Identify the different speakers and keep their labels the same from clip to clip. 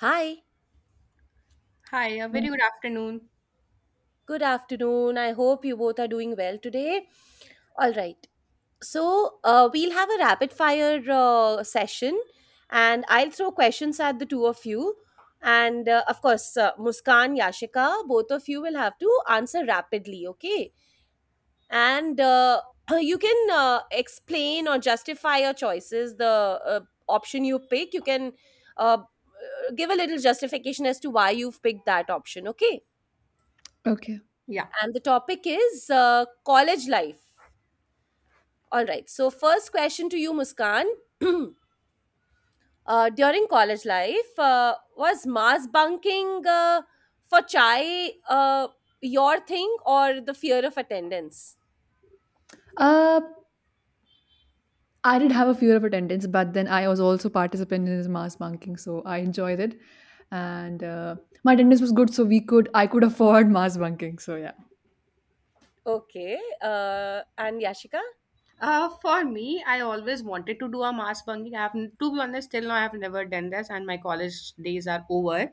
Speaker 1: Hi,
Speaker 2: Hi, a
Speaker 3: Oh,
Speaker 2: very good afternoon.
Speaker 1: good afternoon. I hope you both are doing well today. All right. So, we'll have a rapid fire session, and I'll throw questions at the two of you. And of course, Muskan, Yashika, both of you will have to answer rapidly, okay? And you can explain or justify your choices, the option you pick. You can uh, give a little justification as to why you've picked that option, okay?
Speaker 3: okay.
Speaker 2: Yeah.
Speaker 1: And the topic is college life. All right. So, first question to you, Muskan. uh, during college life, was mass bunking for chai your thing or the fear of attendance?
Speaker 3: Uh, I did have a fear of attendance, but then I was also participant in this mass bunking, so I enjoyed it, and my attendance was good, so we could I could afford mass bunking. So yeah.
Speaker 1: Okay. And Yashika?
Speaker 2: For me, I always wanted to do a mass bunking. I have, to be honest, till now I have never done this, and my college days are over.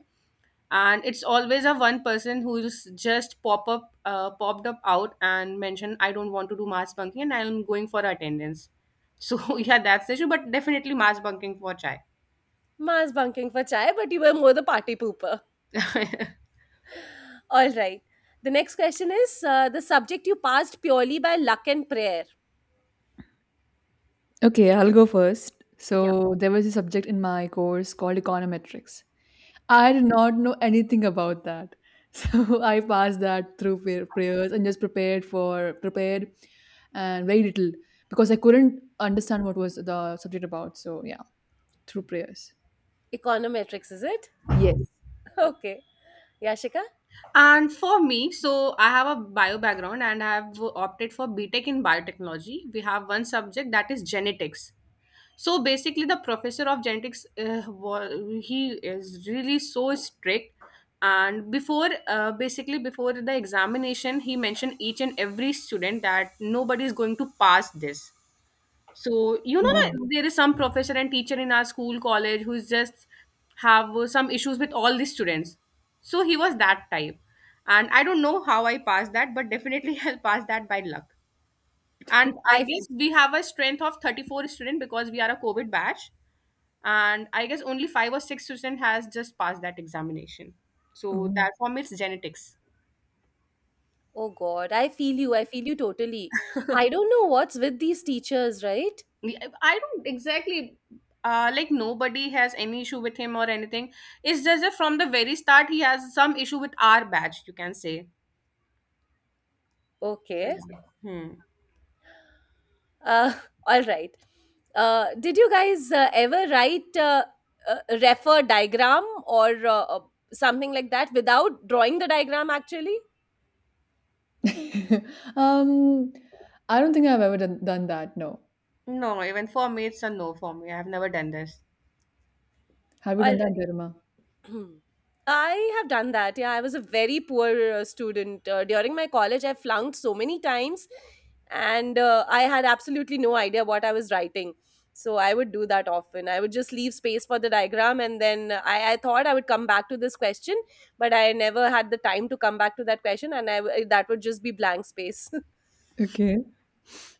Speaker 2: And it's always a one person who's just popped up out and mentioned, "I don't want to do mass bunking, and I'm going for attendance." So yeah, that's the issue. But definitely mass bunking for chai.
Speaker 1: Mass bunking for chai, but you were more the party pooper. All right. The next question is the subject you passed purely by luck and prayer.
Speaker 3: Okay, I'll go first.
Speaker 1: Yeah.
Speaker 3: So there was a subject in my course called econometrics. I did not know anything about that, so I passed that through prayers and just prepared and very little because I couldn't understand what was the subject about. So yeah, through prayers.
Speaker 1: Econometrics, is it?
Speaker 3: Yes.
Speaker 1: Okay. Yashika?
Speaker 2: And for me, so I have a bio background and I have opted for B Tech in biotechnology. We have one subject that is genetics. So basically the professor of genetics he is really so strict, and before the examination, he mentioned each and every student that nobody is going to pass this. So you know that
Speaker 3: Oh.
Speaker 2: there is some professor and teacher in our school college who's just have some issues with all the students, so he was that type. And I don't know how I passed that, but definitely I'll pass that by luck. And I
Speaker 1: I
Speaker 2: guess
Speaker 1: feel,
Speaker 2: we have a strength of 34 students because we are a covid batch, and I guess only 5 or 6% has just passed that examination. So
Speaker 3: Oh.
Speaker 2: that form, it's genetics.
Speaker 1: oh God, I feel you. I feel you totally. I don't know what's with these teachers, right?
Speaker 2: I don't exactly, like, nobody has any issue with him or anything. It's just that from the very start he has some issue with our badge, you can say. So,
Speaker 1: Okay.
Speaker 2: yeah. Hmm.
Speaker 1: Uh, all right. Did you guys ever write a refer diagram or something like that without drawing the diagram actually?
Speaker 3: Um, I don't think I've ever done that. No.
Speaker 2: No, even for me, it's a no. For me, I've never done this.
Speaker 3: Have you
Speaker 1: All
Speaker 3: done
Speaker 1: right.
Speaker 3: that, Garima?
Speaker 1: I have done that. Yeah, I was a very poor student. During my college, I flunked so many times and I had absolutely no idea what I was writing. So I would do that often. I would just leave space for the diagram and then I thought I would come back to this question, but I never had the time to come back to that question and that would just be blank space.
Speaker 3: Okay.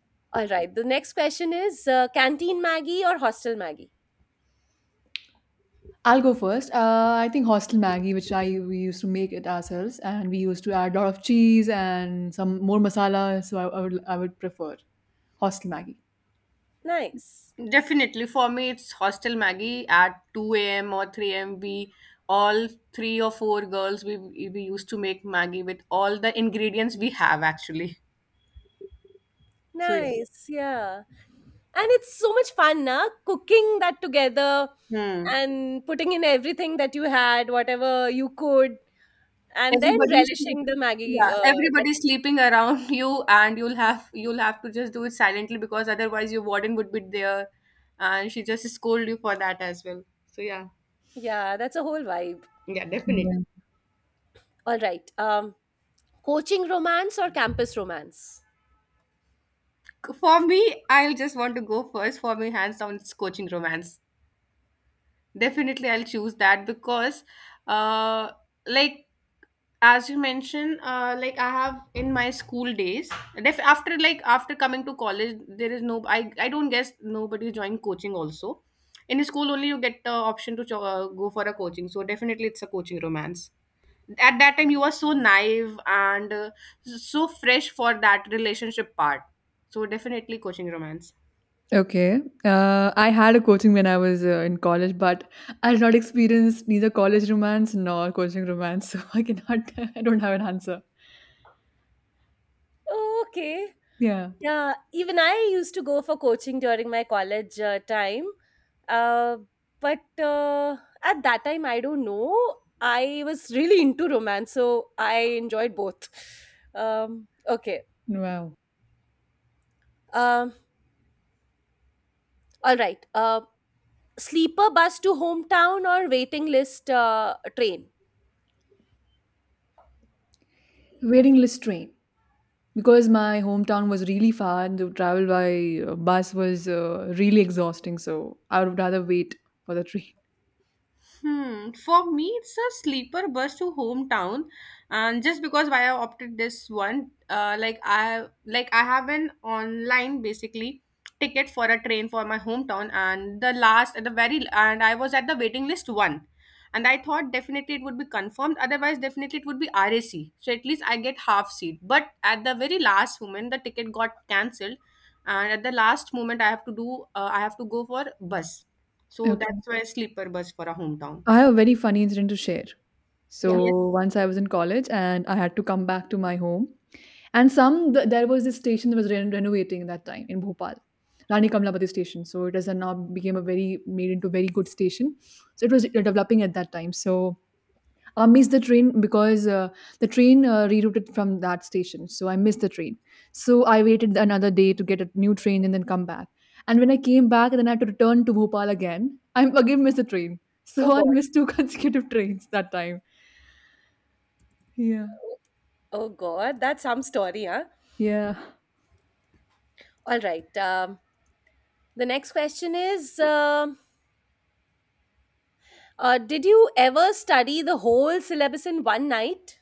Speaker 1: All right, the next question is canteen Maggie or hostel Maggie?
Speaker 3: I'll go first. I think hostel Maggie, which I we used to make it ourselves, and we used to add a lot of cheese and some more masala. So I would prefer hostel Maggie.
Speaker 1: Nice.
Speaker 2: Definitely for me, it's hostel maggie at 2 a.m. or 3 a.m. We all, three or four girls, we used to make maggie with all the ingredients we have actually. So yeah.
Speaker 1: Nice. Yeah. And it's so much fun, na? Cooking that together
Speaker 2: Hmm.
Speaker 1: and putting in everything that you had, whatever you could, and then
Speaker 2: Everybody's
Speaker 1: relishing the Maggie.
Speaker 2: Yeah, everybody's sleeping around you, and you'll have to just do it silently, because otherwise your warden would be there and she just scold you for that as well. So yeah.
Speaker 1: Yeah, that's a whole vibe.
Speaker 2: Yeah, definitely.
Speaker 3: Yeah.
Speaker 1: All right. Coaching romance or campus romance?
Speaker 2: For me, I'll just want to go first. For me, hands down, it's coaching romance. Definitely, I'll choose that because, uh, like as you mentioned, I have in my school days, after, after coming to college, there is no. I don't guess nobody joined coaching also. In school only you get the option to go for a coaching. So definitely, it's a coaching romance. At that time, you are so naive and so fresh for that relationship part. So definitely, coaching romance.
Speaker 3: Okay. I had a coaching when I was in college, but I did not experience neither college romance nor coaching romance, so I cannot. I don't have an answer.
Speaker 1: Oh, okay.
Speaker 3: Yeah.
Speaker 1: Yeah, even I used to go for coaching during my college time. Uh, but at that time, I don't know. I was really into romance, so I enjoyed both. Okay.
Speaker 3: Wow.
Speaker 1: Um, all right. Sleeper bus to hometown or waiting list train?
Speaker 3: Waiting list train because my hometown was really far and to travel by bus was really exhausting. So I would rather wait for the train.
Speaker 2: Hmm. For me, it's a sleeper bus to hometown, and just because why I opted this one, I have an online basically ticket for a train for my hometown, and the last at the very and I was at the waiting list one, and I thought definitely it would be confirmed. Otherwise, definitely it would be RAC. So at least I get half seat. But at the very last moment, the ticket got cancelled, and at the last moment I have to go for bus. So
Speaker 3: Okay.
Speaker 2: that's why sleeper bus for a hometown.
Speaker 3: I have a very funny incident to share.
Speaker 1: Yeah.
Speaker 2: Yes.
Speaker 3: So once I was in college and I had to come back to my home, and there was this station that was renovating that time in Bhopal, Rani Kamlapati station. So it has now became a very made into a very good station. So it was developing at that time. So I missed the train because the train rerouted from that station. So I missed the train. So I waited another day to get a new train and then come back. And when I came back, then I had to return to Bhopal again. I again missed the train. So
Speaker 1: Oh
Speaker 3: I
Speaker 1: God.
Speaker 3: missed two consecutive trains that time. Yeah.
Speaker 1: Oh God. That's some story, huh?
Speaker 3: Yeah.
Speaker 1: All right. The next question is: did you ever study the whole syllabus in one night?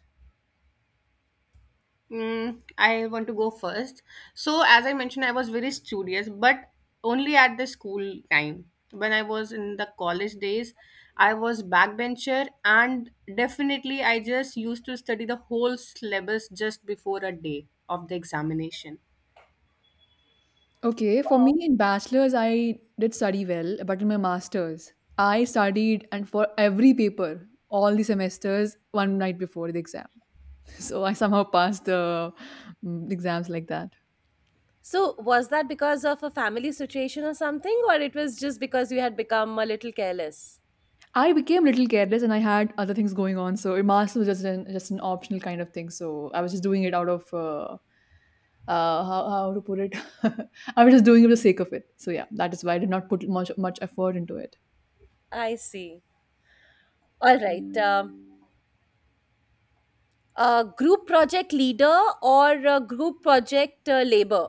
Speaker 2: Mm, I want to go first. So as I mentioned, I was very studious, but only at the school time. When I was in the college days, I was backbencher, and definitely I just used to study the whole syllabus just before a day of the examination.
Speaker 3: Okay. For me
Speaker 1: Oh.
Speaker 3: in bachelor's, I did study well, but in my master's, I studied and for every paper, all the semesters, one night before the exam. So I somehow passed the mm, exams like that.
Speaker 1: So was that because of a family situation or something, or it was just because you had become a little careless?
Speaker 3: I became a little careless and I had other things going on. So a master was just an optional kind of thing. So I was just doing it out of how to put it. I was just doing it for the sake of it. So yeah, that is why I did not put much effort into it.
Speaker 1: I see. All right. Group project leader or group project labor?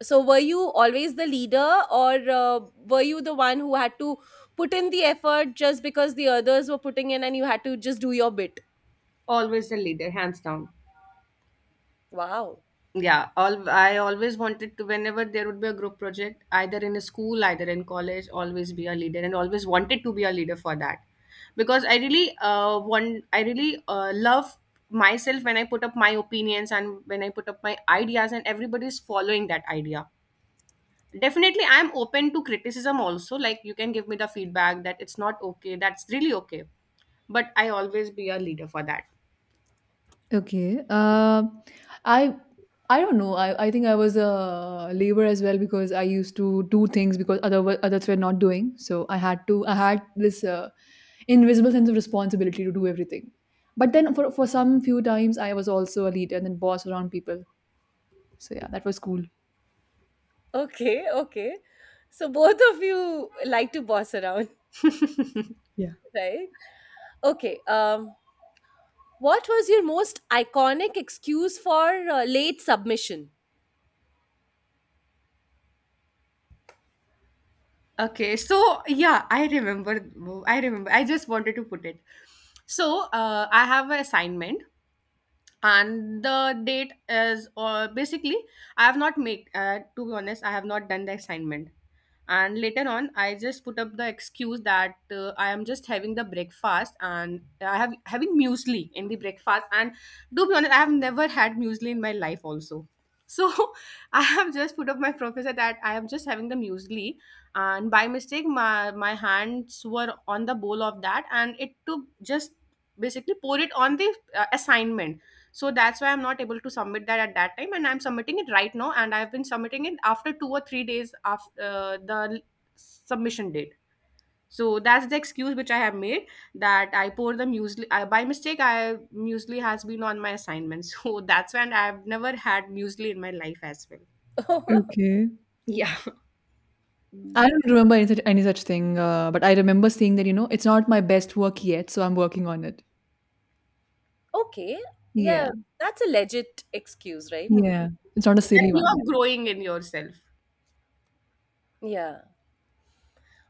Speaker 1: So, were you always the leader, or were you the one who had to put in the effort just because the others were putting in and you had to just do your bit?
Speaker 2: Always the leader, hands down.
Speaker 1: Wow.
Speaker 2: Yeah, all I always wanted to, whenever there would be a group project, either in a school, either in college, always be a leader and always wanted to be a leader for that. Because I really love myself when I put up my opinions and when I put up my ideas and everybody's following that idea. Definitely I'm open to criticism also. Like, you can give me the feedback that it's not okay, that's really okay. But I always be a leader for that.
Speaker 3: Okay. I I don't know. I think I was a labor as well because I used to do things because others were not doing. So I had to. I had this invisible sense of responsibility to do everything. But then for some few times I was also a leader and then boss around people. So yeah, that was cool.
Speaker 1: Okay, okay. So, both of you like to boss around,
Speaker 3: Yeah.
Speaker 1: right? Okay. What was your most iconic excuse for late submission?
Speaker 2: Okay, so yeah, I remember. I just wanted to put it. So I have an assignment, and the date is basically I have not made, to be honest, I have not done the assignment. And later on, I just put up the excuse that I am just having the breakfast, and I have having muesli in the breakfast. And to be honest, I have never had muesli in my life also. So I have just put up my professor that I am just having the muesli, and by mistake my hands were on the bowl of that, and it took just basically pour it on the assignment. So that's why I'm not able to submit that at that time, and I'm submitting it right now, and I've been submitting it after 2 or 3 days after submission date. So that's the excuse which I have made, that I pour the muesli. I, by mistake I muesli has been on my assignment. So that's when I've never had muesli in my life as well.
Speaker 3: Okay. I don't remember any such thing, but I remember seeing that, you know, it's not my best work yet, so I'm working on it.
Speaker 1: Okay.
Speaker 3: Yeah,
Speaker 1: Yeah, that's a legit excuse, right?
Speaker 2: Hmm.
Speaker 3: yeah. It's not a
Speaker 2: That
Speaker 3: silly
Speaker 2: you
Speaker 3: one
Speaker 2: are
Speaker 3: yet.
Speaker 2: growing in yourself.
Speaker 1: Yeah.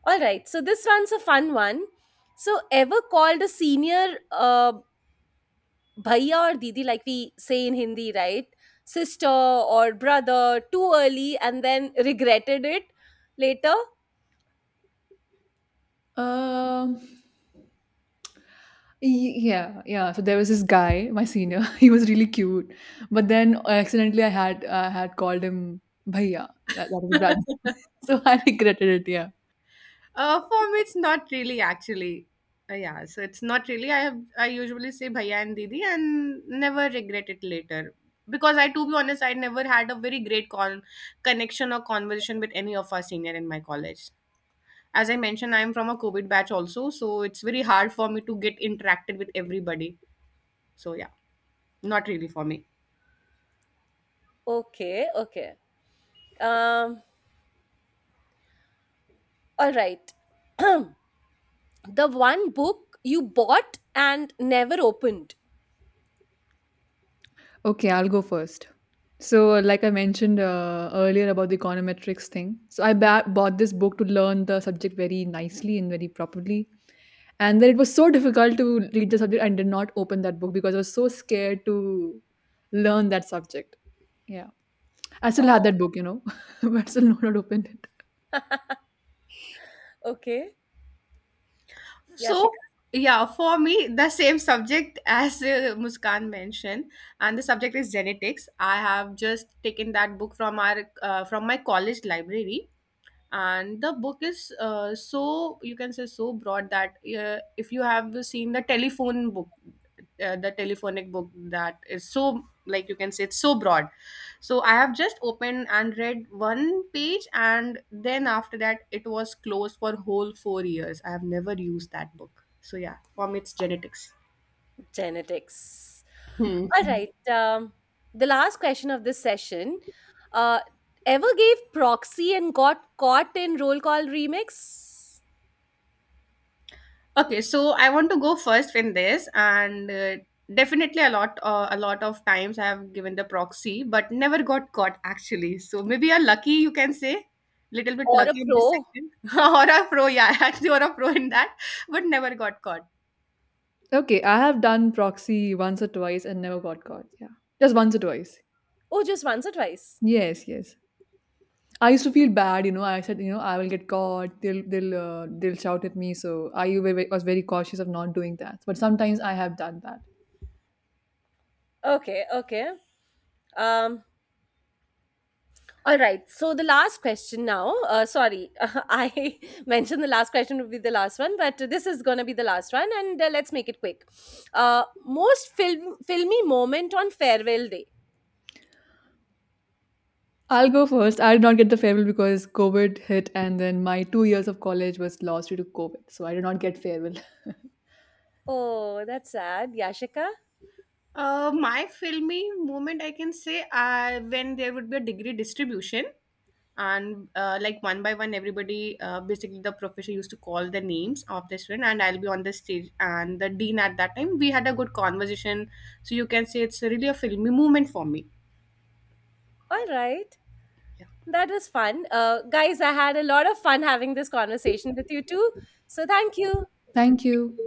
Speaker 1: All right. So this one's a fun one. So ever called a senior bhaiya or didi like we say in Hindi, right? Sister or brother too early and then regretted it later?
Speaker 3: Um, Yeah, yeah. So there was this guy, my senior. He was really cute, but then accidentally I had called him Bhaiya. That is brother. So I regretted it. Yeah.
Speaker 2: For me, it's not really actually. Yeah, so it's not really. I usually say bhaiya and didi and never regret it later, because I, to be honest, I never had a very great connection or conversation with any of our senior in my college. As I mentioned, I'm from a COVID batch also, so it's very hard for me to get interacted with everybody. So yeah, not really for me.
Speaker 1: Okay, okay. Um, all right. the one book you bought and never opened.
Speaker 3: Okay, I'll go first. So, like I mentioned earlier about the econometrics thing, so I bought this book to learn the subject very nicely and very properly. And then it was so difficult to read the subject. I did not open that book because I was so scared to learn that subject. Yeah, I still had
Speaker 1: Oh,
Speaker 3: that book, you know, but still not opened.
Speaker 1: okay. Yeah,
Speaker 2: So, yeah, for me, the same subject as Muskan mentioned, and the subject is genetics. I have just taken that book from our from my college library, and the book is so you can say so broad that, if you have seen the telephone book, the telephonic book, that is so, like you can say, it's so broad. So I have just opened and read one page, and then after that, it was closed for whole 4 years. I have never used that book. So yeah, for me, it's genetics.
Speaker 1: genetics.
Speaker 2: Hmm.
Speaker 1: All right. The last question of this session. Uh, ever gave proxy and got caught in roll call remix
Speaker 2: Okay, so I want to go first in this, and definitely a lot of times I have given the proxy, but never got caught actually. So maybe you're lucky, you can say, little bit
Speaker 1: or a
Speaker 2: lucky in this
Speaker 1: pro?
Speaker 2: section. Or a pro, yeah, actually, or a pro in that, but never got caught.
Speaker 3: Okay, I have done proxy once or twice and never got caught. Yeah. Just once or twice.
Speaker 1: Oh, just once or twice.
Speaker 3: Yes, yes. I used to feel bad, you know. I said, you know, I will get caught. They'll shout at me. So I was very cautious of not doing that. But sometimes I have done that.
Speaker 1: Okay. Okay. Um. All right. So the last question now. Sorry, I mentioned the last question would be the last one, but this is gonna be the last one, and let's make it quick. Most filmy moment on farewell day.
Speaker 3: I'll go first. I did not get the farewell because COVID hit, and then my two years of college was lost due to COVID. So I did not get farewell.
Speaker 1: Oh, that's sad, Yashika.
Speaker 2: My filmy moment, I can say, when there would be a degree distribution, and one by one, everybody, basically the professor used to call the names of the student, and I'll be on the stage, and the dean at that time, we had a good conversation. So you can say it's really a filmy moment for me.
Speaker 1: All right. That was fun. Guys, I had a lot of fun having this conversation with you too. So thank you.
Speaker 3: Thank you.